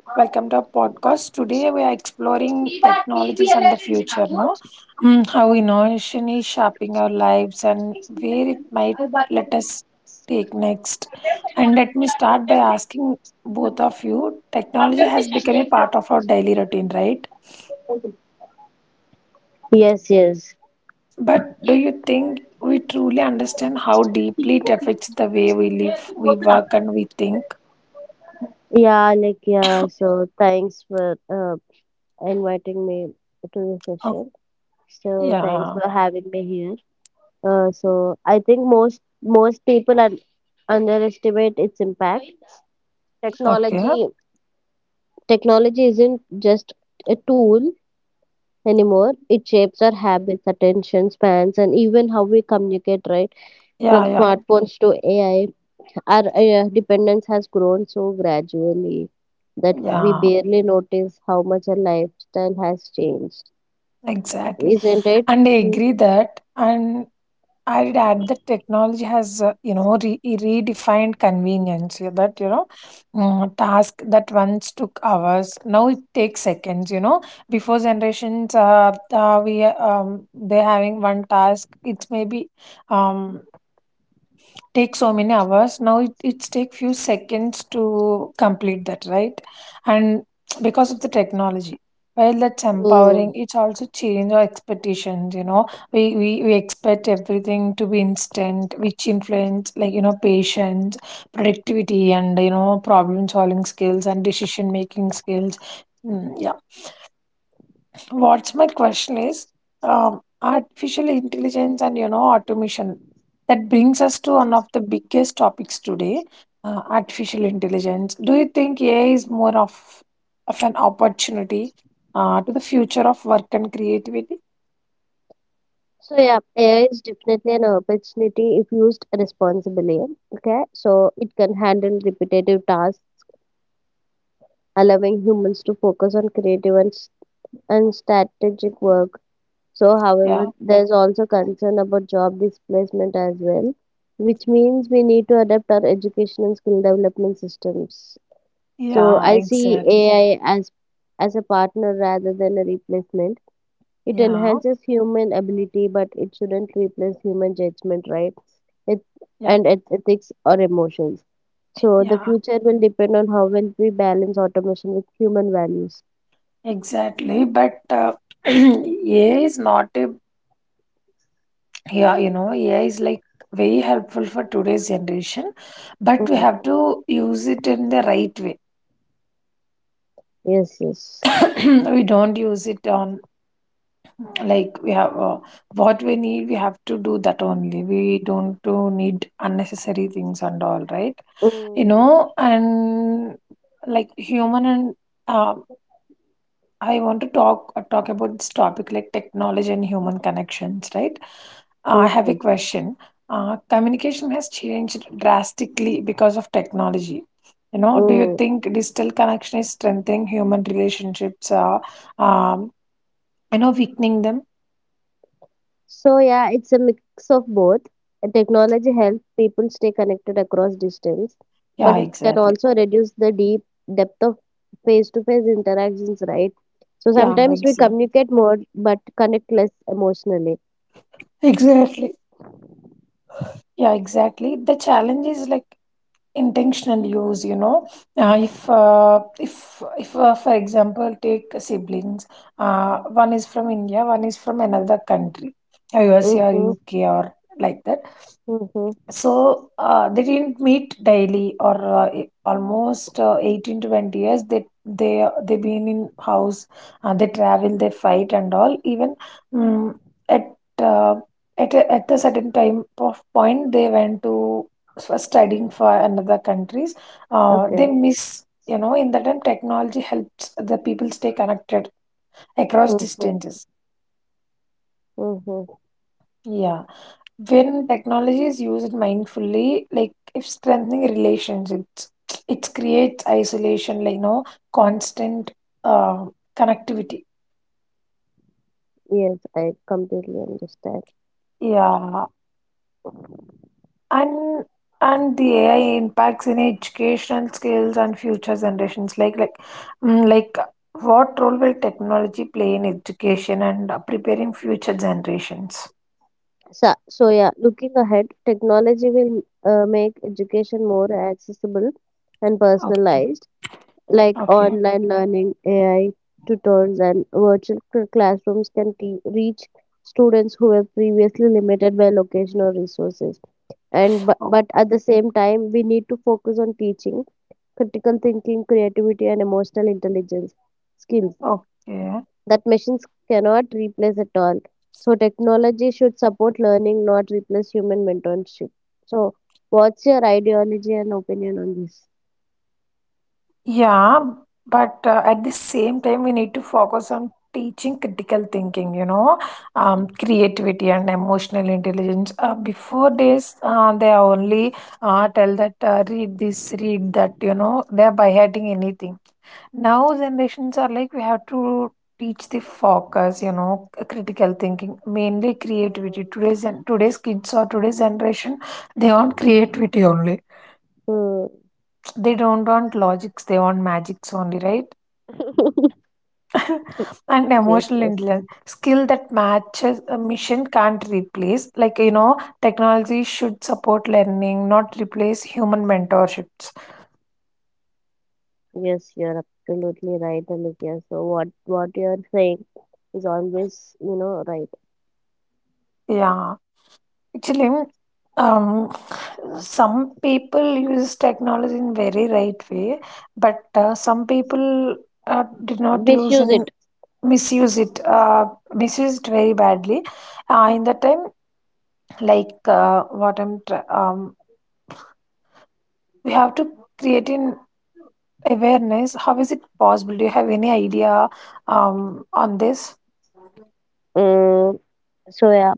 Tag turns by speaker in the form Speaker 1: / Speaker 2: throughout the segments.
Speaker 1: Welcome to our podcast. Today we are exploring technologies and the future, no? Mm, how innovation is shaping our lives and where it might let us take next. And let me start by asking both of you technology has become a part of our daily routine, right?
Speaker 2: Yes, yes.
Speaker 1: But do you think we truly understand how deeply it affects the way we live, we work, and we think?
Speaker 2: So thanks for inviting me to the
Speaker 1: Oh,
Speaker 2: session. So thanks
Speaker 1: yeah,
Speaker 2: for having me here. So I think most people underestimate its impact.
Speaker 1: okay.
Speaker 2: Technology technology isn't just a tool anymore. It shapes our habits, attention spans, and even how we communicate, right? From
Speaker 1: Yeah, yeah,
Speaker 2: smartphones to AI. Our dependence has grown so gradually that we
Speaker 1: yeah.
Speaker 2: barely notice how much our lifestyle has changed,
Speaker 1: Exactly.
Speaker 2: isn't it?
Speaker 1: And I agree
Speaker 2: Mm.
Speaker 1: that, and I'd add that technology has, redefined convenience. Yeah, That, you know, mm, task that once took hours, now it takes seconds, Before generations, they're having one task, it's maybe, um, take so many hours now it's take few seconds to complete that, right. And because of the technology, while that's empowering
Speaker 2: Mm.
Speaker 1: it's also change our expectations, you know, we expect everything to be instant, which influence like, patience, productivity and, problem solving skills and decision making skills. Yeah. What's my question is, artificial intelligence and, automation. That brings us to one of the biggest topics today, artificial intelligence. Do you think AI is more of an opportunity to the future of work and creativity?
Speaker 2: So yeah, AI is definitely an opportunity if used responsibly. Okay, so it can handle repetitive tasks, allowing humans to focus on creative and strategic work. So,
Speaker 1: Yeah,
Speaker 2: however, there's also concern about job displacement as well, which means we need to adapt our education and skill development systems. So,
Speaker 1: yeah,
Speaker 2: I see
Speaker 1: exactly.
Speaker 2: AI as a partner rather than a replacement. It
Speaker 1: Yeah,
Speaker 2: enhances human ability, but it shouldn't replace human judgment, right? It
Speaker 1: yeah,
Speaker 2: and ethics or emotions. So, the
Speaker 1: yeah,
Speaker 2: future will depend on how well we balance automation with human values.
Speaker 1: exactly. But AI is not a. Yeah, you know, AI is like very helpful for today's generation, but we have
Speaker 2: Mm.
Speaker 1: to use it in the right way.
Speaker 2: Yes, yes.
Speaker 1: We don't use it on, like we have what we need. We have to do that only. We don't to need unnecessary things and all, right? You
Speaker 2: Mm.
Speaker 1: know, and like human and, um I want to talk about this topic like technology and human connections, right? I have a
Speaker 2: Mm.
Speaker 1: question. Communication has changed drastically because of technology. You know, do you
Speaker 2: Mm.
Speaker 1: think digital connection is strengthening human relationships, or, um, you know, weakening them?
Speaker 2: So yeah, it's a mix of both. Technology helps people stay connected across distance,
Speaker 1: Yeah,
Speaker 2: but it can
Speaker 1: exactly.
Speaker 2: also reduce the deep depth of face-to-face interactions, right? So
Speaker 1: Yeah,
Speaker 2: sometimes we
Speaker 1: exactly.
Speaker 2: communicate more but connect less emotionally.
Speaker 1: Exactly. Yeah, exactly. The challenge is like intentional use, you know. If for example take siblings, uh, one is from india, one is from another country, usa,
Speaker 2: Mm-hmm,
Speaker 1: uk, or like that.
Speaker 2: mm-hmm,
Speaker 1: So they didn't meet daily or almost 18 to 20 years. They been in house. They travel. They fight and all. Even mm at uh, at a certain time of point, they went to for studying for another countries. They
Speaker 2: okay.
Speaker 1: miss, you know, in that time technology helps the people stay connected across
Speaker 2: Mm-hmm,
Speaker 1: distances.
Speaker 2: mm-hmm.
Speaker 1: Yeah. When technology is used mindfully, like if strengthening relationships, it creates isolation like no constant uh, connectivity.
Speaker 2: Yes, I completely understand.
Speaker 1: Yeah. And the ai impacts in educational skills and future generations, mm, like what role will technology play in education and preparing future generations.
Speaker 2: So yeah, looking ahead, technology will make education more accessible and
Speaker 1: Okay,
Speaker 2: personalized, like
Speaker 1: okay,
Speaker 2: online learning, AI tutors, and virtual classrooms can reach students who were previously limited by location or resources. And but,
Speaker 1: okay,
Speaker 2: but at the same time, we need to focus on teaching critical thinking, creativity, and emotional intelligence skills
Speaker 1: okay.
Speaker 2: that machines cannot replace at all. So technology should support learning, not replace human mentorship. So, what's your ideology and opinion on this?
Speaker 1: Yeah, but at the same time, we need to focus on teaching critical thinking, you know, creativity and emotional intelligence. Before this, they are only tell that read this, read that, you know, they're by hiding anything. Now, generations are like, we have to teach the focus, you know, critical thinking, mainly creativity.
Speaker 2: Um,
Speaker 1: Today's kids or today's generation, they want creativity only.
Speaker 2: Hmm.
Speaker 1: They don't want logics, they want magics only, right? And
Speaker 2: Yes,
Speaker 1: emotional
Speaker 2: yes,
Speaker 1: intelligence, skill that matches a mission can't replace, like, you know, technology should support learning not replace human mentorships.
Speaker 2: yes, you're absolutely right, Alikia. So what you're saying is always, you know, right.
Speaker 1: Yeah, actually, um some people use technology in very right way, but some people uh, did not use
Speaker 2: Misuse
Speaker 1: in
Speaker 2: it.
Speaker 1: misuse it, misuse it very badly in the time. like uh, what i'm tr- um, we have to create an awareness. How is it possible? Do you have any idea on this?
Speaker 2: Um, so yeah.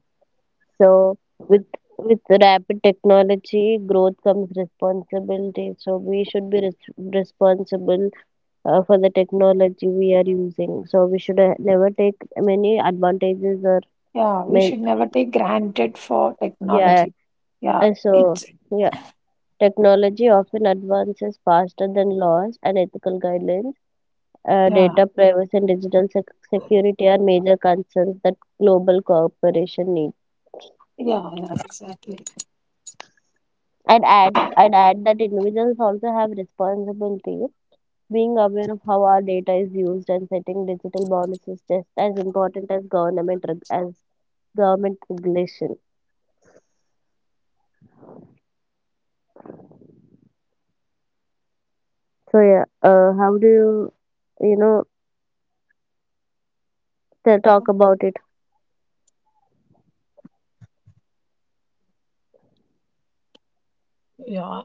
Speaker 2: So with rapid technology growth comes responsibility. So we should be responsible for the technology we are using. So we should never take many advantages or
Speaker 1: Yeah, we
Speaker 2: men.
Speaker 1: should never take granted for
Speaker 2: Yeah.
Speaker 1: technology. Yeah,
Speaker 2: So
Speaker 1: it's
Speaker 2: yeah. Technology often advances faster than laws and ethical guidelines.
Speaker 1: yeah,
Speaker 2: Data privacy and digital security are major concerns that global cooperation needs.
Speaker 1: yeah, yeah, exactly.
Speaker 2: I'd add that individuals also have responsibility. Being aware of how our data is used and setting digital boundaries is just as important as government regulation. So yeah, how do you, you know, talk about it?
Speaker 1: Yeah,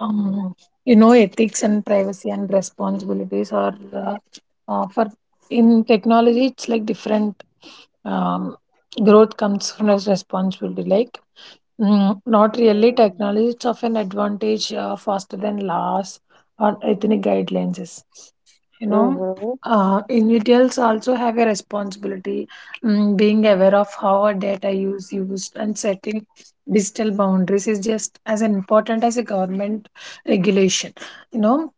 Speaker 1: um, you know, ethics and privacy and responsibilities are for in technology, it's like different. um, Growth comes from responsibility, like, not really
Speaker 2: Mm.
Speaker 1: technology, it's often advantage faster than laws or ethnic guidelines is. You know,
Speaker 2: Mm-hmm.
Speaker 1: individuals also have a responsibility, being aware of how our data is used and setting digital boundaries is just as important as a government regulation. You know,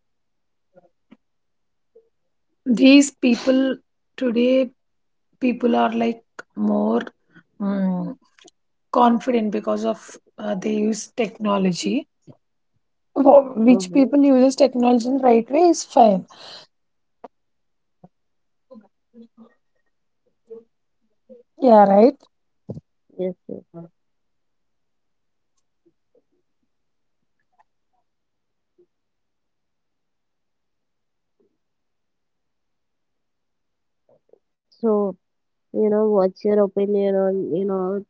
Speaker 1: these people today, people are like more mm, confident because of they use technology. Which people
Speaker 2: Mm-hmm.
Speaker 1: uses technology in right way is fine. Yeah, right.
Speaker 2: Yes, yes. So, you know, what's your opinion on, you know,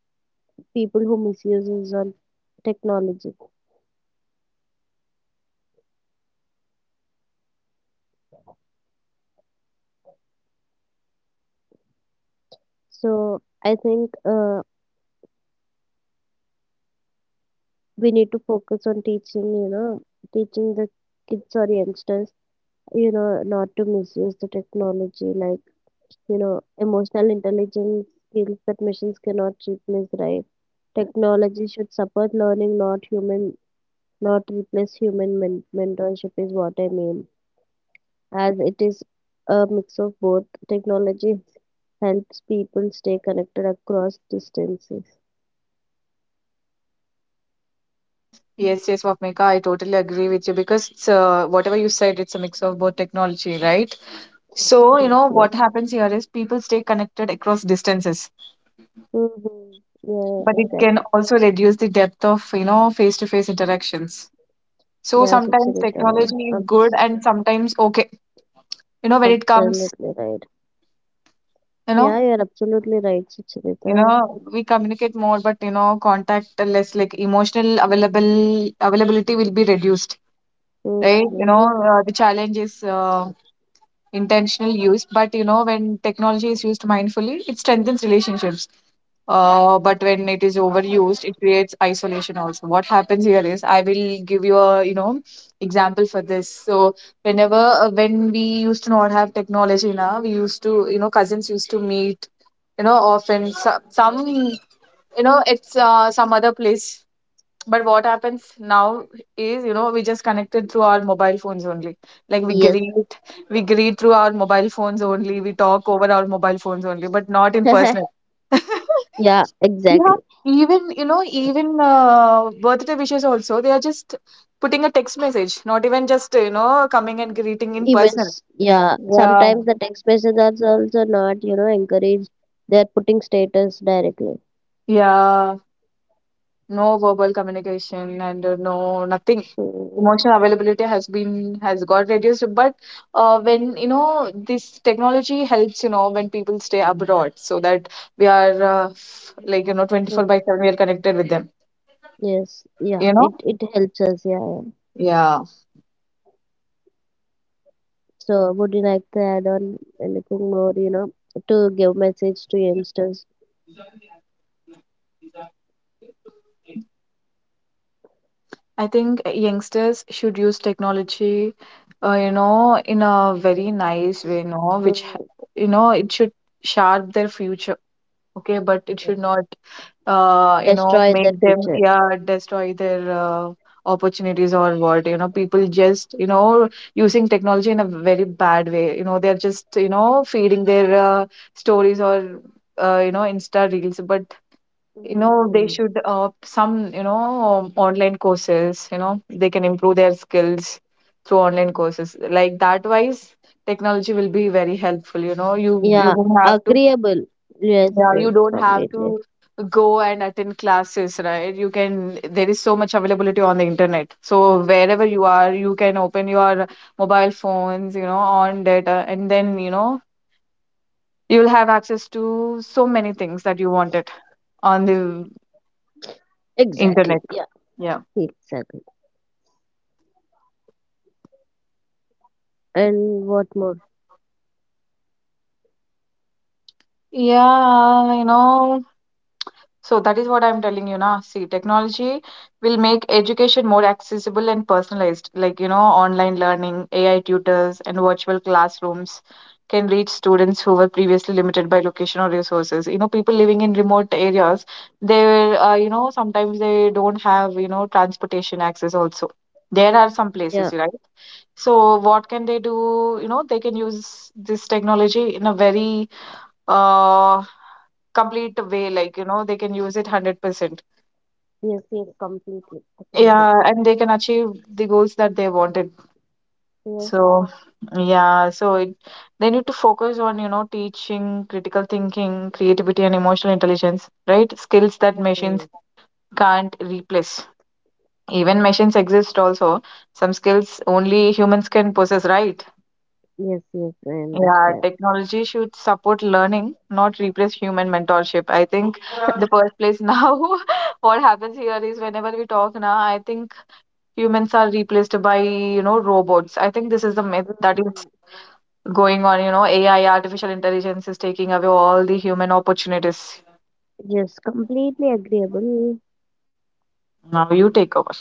Speaker 2: people who misuses on technology. So I think we need to focus on teaching, you know, teaching the kids or youngsters, you know, not to misuse the technology, like, you know, emotional intelligence skills that machines cannot replace, right? Technology should support learning, not replace human mentorship is what I mean, as it is a mix of both. Technology helps people stay connected across distances.
Speaker 3: Yes, yes, Vapmika, I totally agree with you because it's whatever you said, it's a mix of both technology, right? So, you
Speaker 2: Yes,
Speaker 3: know,
Speaker 2: yes.
Speaker 3: what happens here is people stay connected across distances,
Speaker 2: Mm-hmm. Yeah,
Speaker 3: but it can
Speaker 2: exactly.
Speaker 3: also reduce the depth of, you know, face-to-face interactions. So
Speaker 2: Yeah,
Speaker 3: sometimes
Speaker 2: Sucharita,
Speaker 3: technology is good and
Speaker 2: absolutely.
Speaker 3: sometimes okay. You know, when it comes,
Speaker 2: Absolutely right.
Speaker 3: you
Speaker 2: Yeah,
Speaker 3: know,
Speaker 2: you're absolutely right,
Speaker 3: you
Speaker 2: Sucharita.
Speaker 3: know, we communicate more, but you know, contact less, like emotional available availability will be reduced, right?
Speaker 2: Mm-hmm.
Speaker 3: The challenge is intentional use, but you know, when technology is used mindfully, it strengthens relationships, but when it is overused, it creates isolation also. What happens here is I will give you a, you know, example for this. So whenever when we used to not have technology, now we used to, you know, cousins used to meet, you know, often some, you know, it's, some other place, but what happens now is, you know, we just connected through our mobile phones only. Like we
Speaker 2: Yes.
Speaker 3: greet, we greet through our mobile phones only. We talk over our mobile phones only, but not in person.
Speaker 2: Yeah,
Speaker 3: Yeah,
Speaker 2: exactly.
Speaker 3: even birthday wishes also, they are just putting a text message, not even just, you know, coming and greeting in
Speaker 2: Even,
Speaker 3: person.
Speaker 2: yeah,
Speaker 3: Yeah,
Speaker 2: sometimes the text messages are also not, you know, encouraged. They're putting status directly.
Speaker 3: yeah, no verbal communication and, no nothing.
Speaker 2: Mm-hmm.
Speaker 3: Emotional availability has got reduced, but when you know, this technology helps, you know, when people stay abroad, so that we are, like, you know, 24 by 7, we are connected with them,
Speaker 2: Yes, yeah,
Speaker 3: you know.
Speaker 2: it helps us, yeah, yeah.
Speaker 3: Yeah,
Speaker 2: So, would you like to add on anything more, you know, to give message to youngsters?
Speaker 3: I think youngsters should use technology, you know, in a very nice way, you know,
Speaker 2: Mm,
Speaker 3: you know, it should sharp their future, okay, but it should not, you know,
Speaker 2: destroy their
Speaker 3: make them,
Speaker 2: future.
Speaker 3: yeah, destroy their, opportunities or what. You know, people just, you know, using technology in a very bad way. You know, they're just, you know, feeding their, stories or, you know, Insta reels. But, you know, they
Speaker 2: Mm,
Speaker 3: should opt some, you know, online courses. You know, they can improve their skills through online courses. Like that wise, technology will be very helpful, you know, you
Speaker 2: yeah,
Speaker 3: don't have to,
Speaker 2: agreeable. Yes,
Speaker 3: yeah,
Speaker 2: yes,
Speaker 3: you don't have
Speaker 2: completely.
Speaker 3: to go and attend classes, right? You can, there is so much availability on the internet. So wherever you are, you can open your mobile phones, you know, on data, and then, you know, you will have access to so many things that you wanted on the internet.
Speaker 2: Exactly. Yeah,
Speaker 3: Yeah.
Speaker 2: exactly. And what more?
Speaker 3: Yeah, you know, so that is what I'm telling you now. See, technology will make education more accessible and personalized. Like, you know, online learning, AI tutors, and virtual classrooms can reach students who were previously limited by location or resources. You know, people living in remote areas, they were, you know, sometimes they don't have, you know, transportation access also. There are some
Speaker 2: Yeah,
Speaker 3: places, right? So what can they do? You know, they can use this technology in a very, uh, complete way. Like, you know, they can use it 100%.
Speaker 2: yes, yes, completely agreeable.
Speaker 3: Yeah, and they can achieve the goals that they wanted.
Speaker 2: Yes,
Speaker 3: So, yeah, so it, they need to focus on, you know, teaching critical thinking, creativity, and emotional intelligence, right? Skills that machines
Speaker 2: yes,
Speaker 3: can't replace. Even machines exist also. Some skills only humans can possess, right?
Speaker 2: yes, yes, I
Speaker 3: Yeah,
Speaker 2: understand.
Speaker 3: technology should support learning, not replace human mentorship. I think the first place now, what happens here is whenever we talk now, I think humans are replaced by, you know, robots. I think this is the myth that is
Speaker 2: Mm,
Speaker 3: going on. You know, AI, artificial intelligence, is taking away all the human opportunities.
Speaker 2: yes, completely agreeable.
Speaker 3: Now you take over.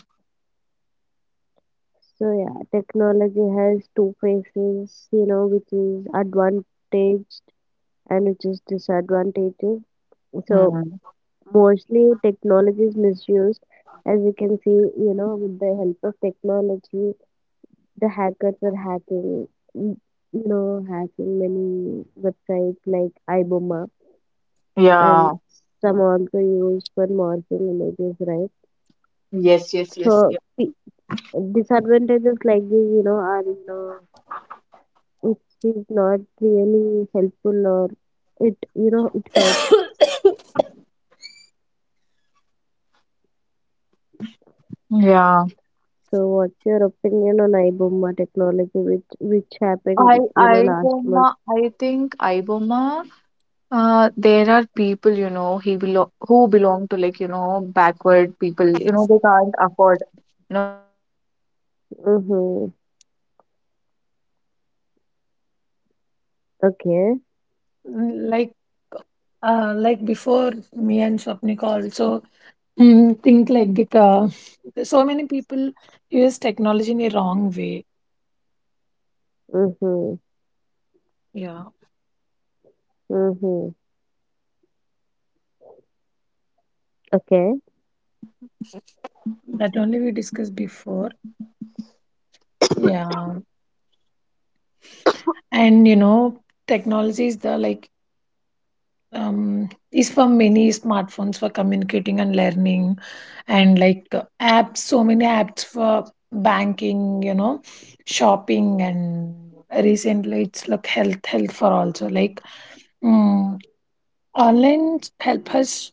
Speaker 2: So yeah, technology has two faces, you know, which is advantaged and which is disadvantages. So
Speaker 3: Hmm.
Speaker 2: mostly technology is misused. As you can see, you know, with the help of technology the hackers are hacking, mm, you know, hacking many websites like iboma,
Speaker 3: Yeah.
Speaker 2: and some also used for morphing images, right?
Speaker 3: Yes, yes, yes,
Speaker 2: So
Speaker 3: yes.
Speaker 2: the disadvantages like this, you know, are, you know, it is not really helpful or it, you know, it hurts.
Speaker 3: Yeah.
Speaker 2: So what's your opinion on iboma technology, which happened, you know, last month?
Speaker 3: I think Iboma, there are people, you know, he belo who belong to, like, you know, backward people, you know, they can't afford, you know, they can't go and watch
Speaker 2: Mhm.
Speaker 3: movie in theaters, you know. I think that will be useful
Speaker 2: Okay.
Speaker 3: for them.
Speaker 1: Mm,
Speaker 3: Iboma is helpful for them.
Speaker 1: like before me and Swapnika also think like it
Speaker 3: Mm.
Speaker 1: so many people use technology in a wrong way.
Speaker 2: Mhm.
Speaker 1: Yeah,
Speaker 2: Mhm. Okay.
Speaker 1: that only we discussed before. Yeah, and you know, technology is the like is for many smartphones for communicating and learning, and like apps, so many apps for banking, you know, shopping and recently it's like health health for also like, mm, online help us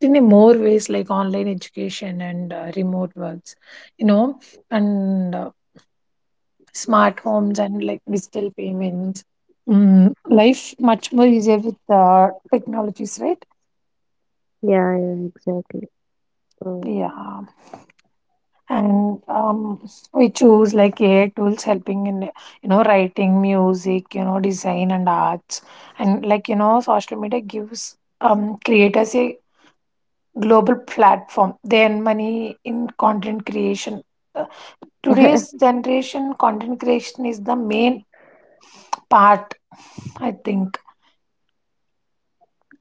Speaker 1: in a more ways like online education and remote works, you know, and smart homes and like digital payments. Mm, life much more easier with technologies, right?
Speaker 2: Yeah, yeah, exactly. Mm.
Speaker 1: Yeah, and we choose like AI tools helping in, you know, writing, music, you know, design and arts, and like, you know, social media gives creators a global platform. They earn money in content creation. Uh, today's generation content creation is the main part, I think.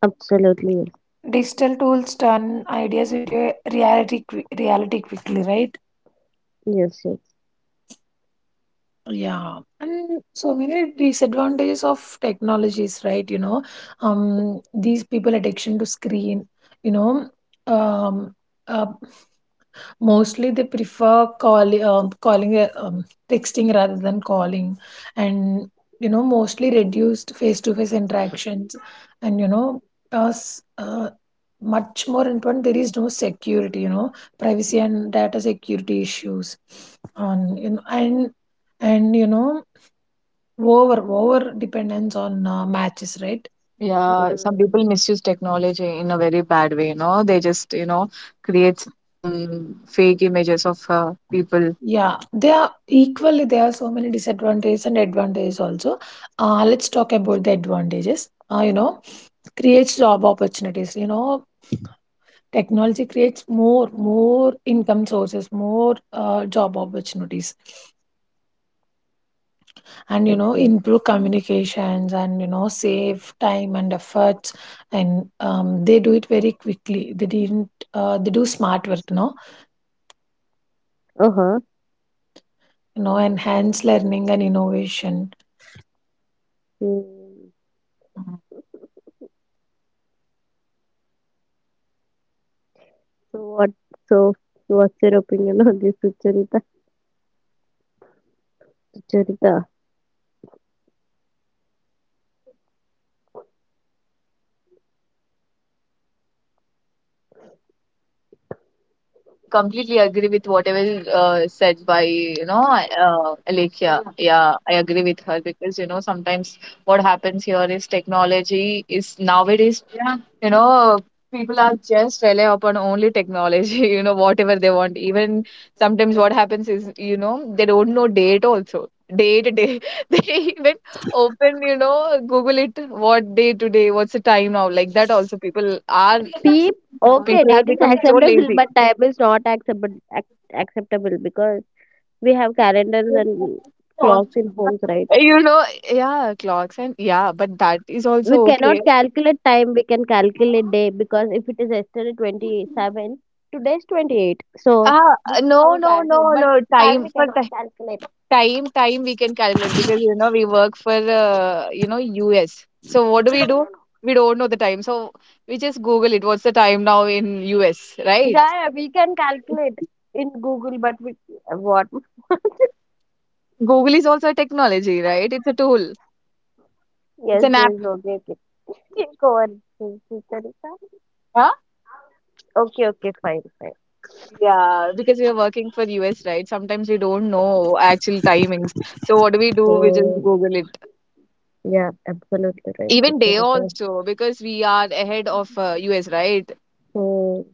Speaker 2: Absolutely.
Speaker 1: Digital tools turn ideas into a reality quickly, right?
Speaker 2: Yes. Yes.
Speaker 1: Yeah, and so many disadvantages of technologies, right? You know, these people addiction to screen, you know, um, uh, mostly they prefer calling calling texting rather than calling, and you know, mostly reduced face to face interactions, and you know us much more important there is no security, you know, privacy and data security issues on, you know, and you know over dependence on matches, right.
Speaker 2: Yes.
Speaker 3: Yeah, some
Speaker 2: Mm.
Speaker 3: people misuse technology in a very bad way, you know. They just, you know, create some fake images of, people.
Speaker 1: Yeah, they are equally. There are so many disadvantages and advantages also. Let's talk about the advantages. You know, creates job opportunities. You know, technology creates more income sources, more job opportunities, and you
Speaker 2: Yes,
Speaker 1: know,
Speaker 2: yes.
Speaker 1: improve communications and you know, save time and efforts. And they do it very quickly. They didn't. They do smart work. No,
Speaker 2: Uh-huh.
Speaker 1: you know, enhance learning and innovation.
Speaker 2: Mm. So what? So what's your opinion on this, Sucharita? Sucharita.
Speaker 3: Yeah, I completely agree with whatever, said by, you know, Alekhia. Yeah, I agree with her because, you know, sometimes what happens here is technology is nowadays, yeah, you know, people are just rely upon only technology, you know, whatever they want. Even sometimes what happens is, you know, they don't know date also. Date, day. They even open, you know, Google it, what day today, what's the time now, like that also.
Speaker 2: Peep, okay,
Speaker 3: People have
Speaker 2: date is
Speaker 3: become so
Speaker 2: acceptable,
Speaker 3: lazy.
Speaker 2: but time is not acceptable ac acceptable because we have calendars
Speaker 3: Eh,
Speaker 2: and clocks in homes, right?
Speaker 3: you know, yeah, clocks, and yeah, but that is
Speaker 2: We
Speaker 3: also okay.
Speaker 2: cannot calculate time, we can calculate day, because if it is yesterday 27, today is 28, so this
Speaker 3: Ah,
Speaker 2: is how
Speaker 3: no,
Speaker 2: we
Speaker 3: no, no,
Speaker 2: calculate, but
Speaker 3: no.
Speaker 2: time
Speaker 3: Time
Speaker 2: we
Speaker 3: for
Speaker 2: cannot
Speaker 3: ti-
Speaker 2: calculate.
Speaker 3: time, time we can calculate because you know, we work for, you know, US. So what
Speaker 2: No,
Speaker 3: do?
Speaker 2: no,
Speaker 3: We don't know the time. So we just Google it. What's the time now in US,
Speaker 2: no.
Speaker 3: right?
Speaker 2: Yeah, yeah, we can calculate in Google, but we what?
Speaker 3: Google is also a technology, right? It's a tool. It's
Speaker 2: Yes,
Speaker 3: an app.
Speaker 2: this is okay, okay. Think over it, Richa.
Speaker 3: Huh?
Speaker 2: Okay, okay, fine, fine.
Speaker 3: Yeah, because we are working for US, right? Sometimes we don't know actual timings. So what do? We just
Speaker 2: So
Speaker 3: Google it.
Speaker 2: yeah, absolutely right,
Speaker 3: Even day
Speaker 2: Richa.
Speaker 3: also, because we are ahead of, US, right?
Speaker 2: So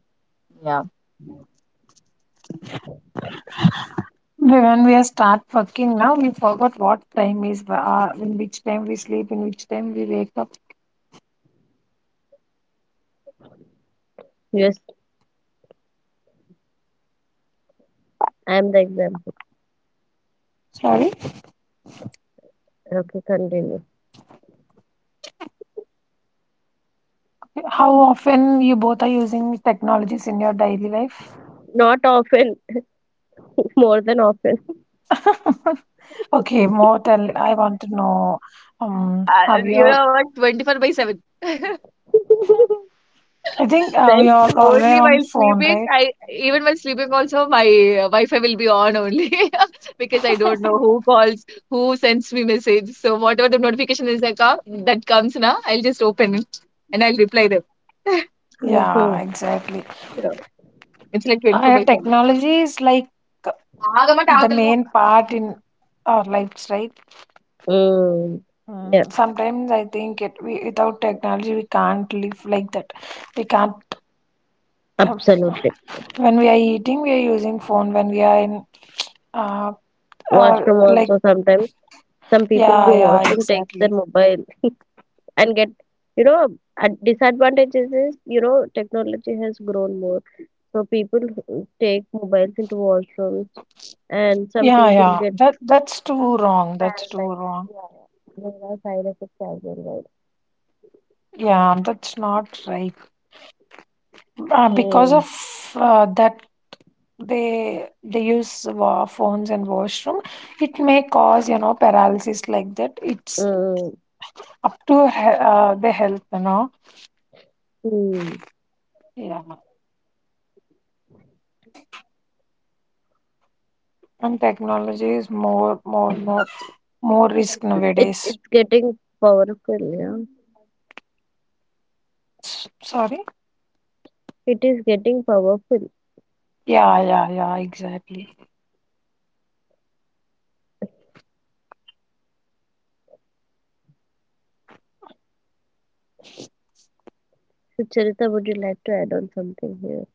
Speaker 3: Yeah.
Speaker 1: When we are start working now, we forgot what time is, in which time we sleep, in which time we wake up.
Speaker 2: yes, I am the example.
Speaker 1: Sorry.
Speaker 2: Okay, continue.
Speaker 1: How often you both are using technologies in your daily life?
Speaker 2: Not often. More than often.
Speaker 1: Okay, more tell. I want to know. Have
Speaker 3: You
Speaker 1: your?
Speaker 3: know what, 24 by 7.
Speaker 1: I think we
Speaker 3: Right,
Speaker 1: are always
Speaker 3: only
Speaker 1: on
Speaker 3: while
Speaker 1: phone,
Speaker 3: sleeping,
Speaker 1: right?
Speaker 3: I even while sleeping also, my wi-fi will be on only because I don't know who calls, who sends me message. So whatever the notification that comes now, I'll just open it and I'll reply them.
Speaker 1: Yeah,
Speaker 2: Mhm.
Speaker 1: exactly.
Speaker 3: Yeah, it's like 24 by
Speaker 1: Technology is like uh, the
Speaker 3: 7.
Speaker 1: main part in our lives, right?
Speaker 2: Mm. Yeah,
Speaker 1: Mm, sometimes I think it we, without technology we can't live like that. We can't.
Speaker 2: absolutely.
Speaker 1: When we are eating, we are using phone. When we are in, uh, uh,
Speaker 2: Washroom
Speaker 1: like
Speaker 2: also sometimes. Some people
Speaker 1: yeah,
Speaker 2: go
Speaker 1: yeah,
Speaker 2: washroom, takes their
Speaker 1: exactly.
Speaker 2: mobile and get, you know, a disadvantage is, you know, technology has grown more, so people who take mobiles into washrooms and some
Speaker 1: Yeah,
Speaker 2: people
Speaker 1: yeah.
Speaker 2: get
Speaker 1: That that's too wrong. That's too
Speaker 2: paralyzed.
Speaker 1: wrong.
Speaker 2: Yeah, yeah, there are side effects as well, right?
Speaker 1: Yeah, that's not right. Because
Speaker 2: Mm.
Speaker 1: of that, they use phones in washroom. It may cause, you know, paralysis like that. It's
Speaker 2: Mm.
Speaker 1: up to the health, you know.
Speaker 2: Mm.
Speaker 1: Yeah. And technology is more risk
Speaker 2: It's
Speaker 1: nowadays.
Speaker 2: it's getting powerful. Yeah,
Speaker 1: Sorry,
Speaker 2: it is getting powerful.
Speaker 1: yeah yeah yeah exactly,
Speaker 2: So, Charita, would you like to add something here?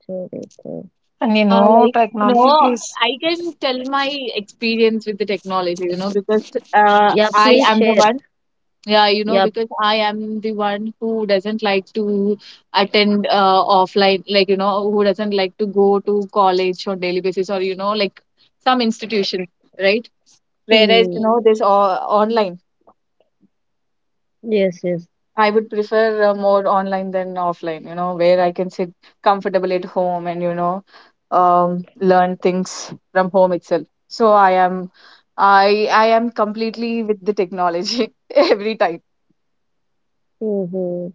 Speaker 2: Charita.
Speaker 3: They
Speaker 1: and you
Speaker 3: are
Speaker 1: know,
Speaker 3: like, you
Speaker 1: technology
Speaker 3: know,
Speaker 1: please.
Speaker 3: I can tell my experience with the technology, you know, because,
Speaker 2: Yeah,
Speaker 3: I
Speaker 2: please
Speaker 3: am the
Speaker 2: share.
Speaker 3: one, yeah, you know,
Speaker 2: Yeah.
Speaker 3: because I am the one who doesn't like to attend, offline, like, you know, who doesn't like to go to college on daily basis or, you know, like some institution, right? Whereas, you
Speaker 2: Mm.
Speaker 3: know, online,
Speaker 2: Yes, yes.
Speaker 3: I would prefer, more online than offline, you know, where I can sit comfortable at home and, you know, learn things from home itself. So I am completely with the technology every time.
Speaker 2: Mm-hmm.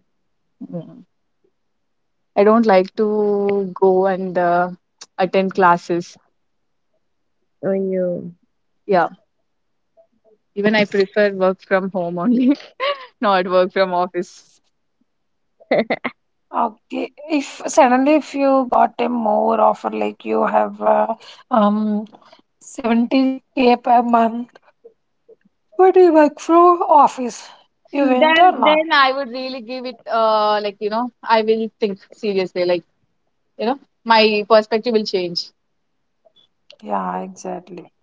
Speaker 3: Mm. I don't like to go and, attend classes.
Speaker 2: Ayo.
Speaker 3: Yeah, even I prefer work from home only, not work from office.
Speaker 1: Okay, if suddenly if you got a more offer like you have um 70K per month but you work from office, you went or
Speaker 3: Then
Speaker 1: not?
Speaker 3: I would really give it, like, you know, I will think seriously, like, you know, my perspective will change.
Speaker 1: Yeah exactly.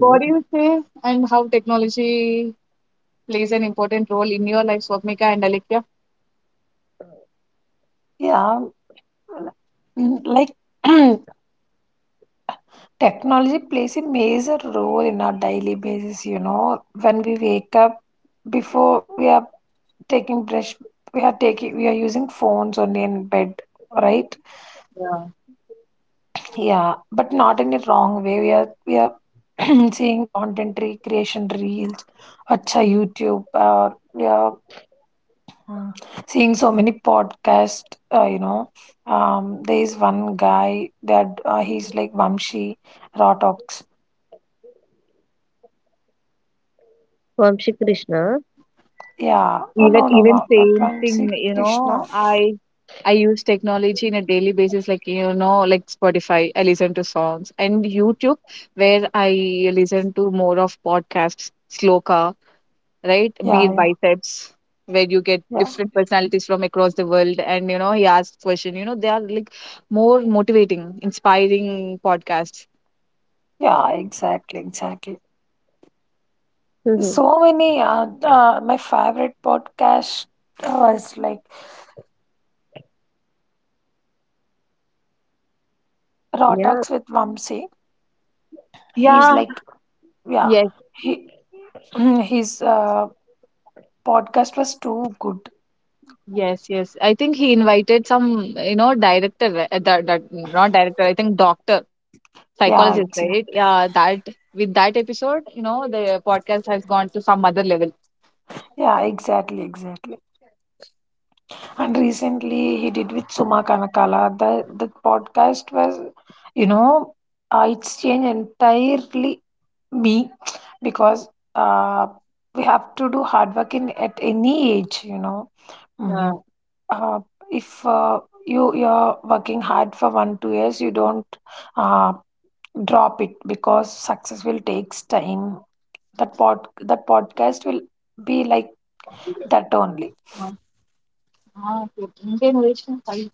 Speaker 3: What do you say, and how technology plays an important role in your life, Swapnika and Alekya?
Speaker 1: Yeah. Mm, like technology plays a major role in our daily basis, you know. When we wake up, before we are taking brush, we are using phones only in bed, right?
Speaker 3: Yeah.
Speaker 1: Yeah, but not in a wrong way. We are seeing creation reels, acha YouTube, or we are mm, seeing so many podcasts, you know. There is one guy that he's like Vamshi Rotox.
Speaker 2: Vamshi Krishna.
Speaker 1: Yeah. Oh
Speaker 3: Even
Speaker 1: no, no,
Speaker 3: even
Speaker 1: wow. Not
Speaker 3: same
Speaker 1: Vamsi
Speaker 3: thing, you
Speaker 1: Krishna.
Speaker 3: know, I I use technology in a daily basis, like, you know, like Spotify, I listen to songs, and YouTube, where I listen to more of podcasts, Sloka, right? Be
Speaker 1: Yeah,
Speaker 3: it
Speaker 1: yeah,
Speaker 3: biceps, where you get
Speaker 1: yeah,
Speaker 3: different personalities from across the world, and you know, he asks question. You know, they are like more motivating, inspiring podcasts.
Speaker 1: yeah. Exactly, exactly.
Speaker 2: Mm-hmm.
Speaker 1: So many. My favorite podcast is like Raw
Speaker 2: Yeah.
Speaker 1: Talks with Vamsi. He's
Speaker 3: Yeah.
Speaker 1: like, yeah,
Speaker 3: Yes.
Speaker 1: he his podcast was too good.
Speaker 3: Yes. Yes. I think he invited some, you know, director ri- that, that not director, I think doctor
Speaker 1: Yeah,
Speaker 3: psychologist,
Speaker 1: exactly.
Speaker 3: right? Yeah, that, with that episode, you know, the podcast has gone to some other level.
Speaker 1: Yeah, exactly, exactly. And recently he did with Suma Kanakala. The podcast was, you know, it's changed entirely me because uh, we have to do hard work in at any age, you know.
Speaker 3: Yeah.
Speaker 1: Mhm. uh, if you you're working hard for 1 2 years, you don't uh, drop it because success will takes time. That podcast will be like that only,
Speaker 3: Uh, Ah, okay. Indian original. Sorry.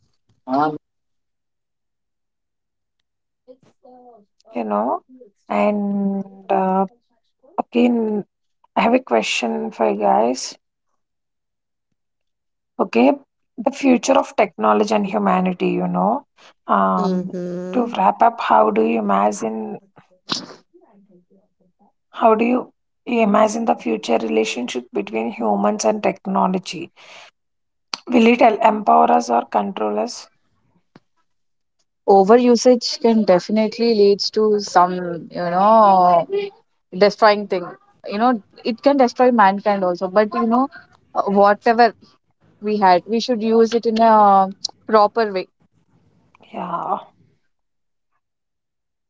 Speaker 1: you know, and okay, I have a question for you guys. Okay, the future of
Speaker 3: Ah.
Speaker 1: technology and humanity, you know, um, to
Speaker 2: Mm-hmm.
Speaker 1: wrap up, how do you imagine, how do you you imagine the future relationship between humans and technology? Will it empower us or control us?
Speaker 3: Overusage can definitely leads to some, you know, destroying thing. You know, it can destroy mankind also, but you know, whatever we had, we should use it in a proper way,
Speaker 1: Yeah.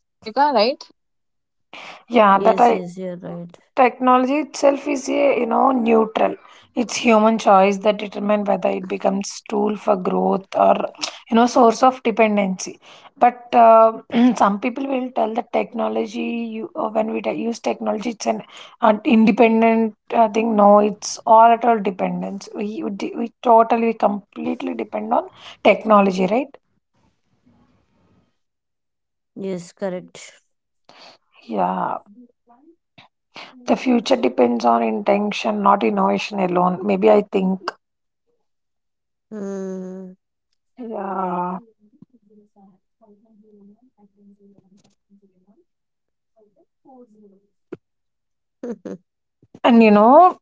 Speaker 3: Swapnika, right?
Speaker 1: Yeah, that
Speaker 2: Yes,
Speaker 1: I.
Speaker 2: yes, you're right.
Speaker 1: Technology itself is, a you know, neutral. It's human choice that determine whether it becomes tool for growth or, you know, source of dependency. But some people will tell that technology you when we use technology it's an independent thing. No, it's all at all dependence. We totally completely depend on technology, right?
Speaker 2: Yes, correct.
Speaker 1: Yeah, the future depends on intention, not innovation alone. Maybe, I think.
Speaker 2: Mm.
Speaker 1: Yeah. And you know,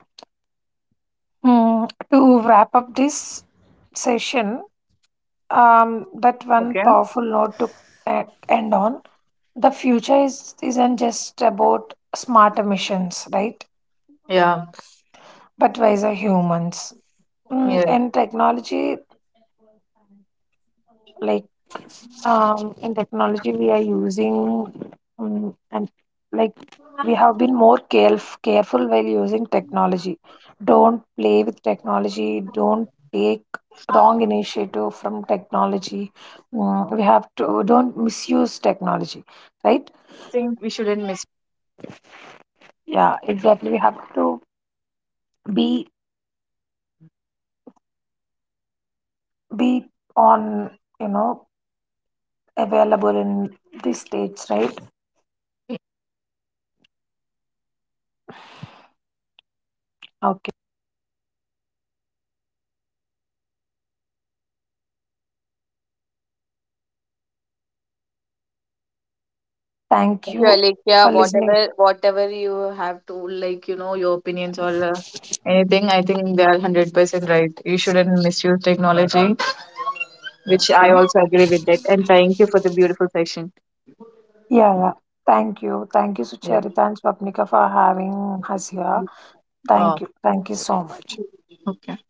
Speaker 1: to wrap up this session, that one
Speaker 3: Okay.
Speaker 1: powerful note to end on. The future is, isn't just about smart emissions, right?
Speaker 3: Yeah.
Speaker 1: But wiser humans. Mm,
Speaker 3: Yes.
Speaker 1: and technology, like in technology we are using and like we have been more careful while using technology. Don't play with technology, don't take wrong initiative from technology. Mm, we have to don't misuse technology, right.
Speaker 3: Yeah, the first thing we shouldn't miss.
Speaker 1: Yeah, exactly, we have to be be on, you know, available in these states, right. Okay, thank
Speaker 3: Thank you,
Speaker 1: you for
Speaker 3: Alekia.
Speaker 1: listening.
Speaker 3: Whatever you have to, like, you know, your opinions or, anything, I think they are 100% right. You shouldn't misuse technology, which I
Speaker 1: Okay.
Speaker 3: also agree with that. And thank you for the beautiful session.
Speaker 1: Yeah, yeah. Thank you. Thank you,
Speaker 3: Yeah.
Speaker 1: Sucharita and Swapnika, for having us here. Thank
Speaker 3: Oh,
Speaker 1: you. Thank you so much.
Speaker 3: okay.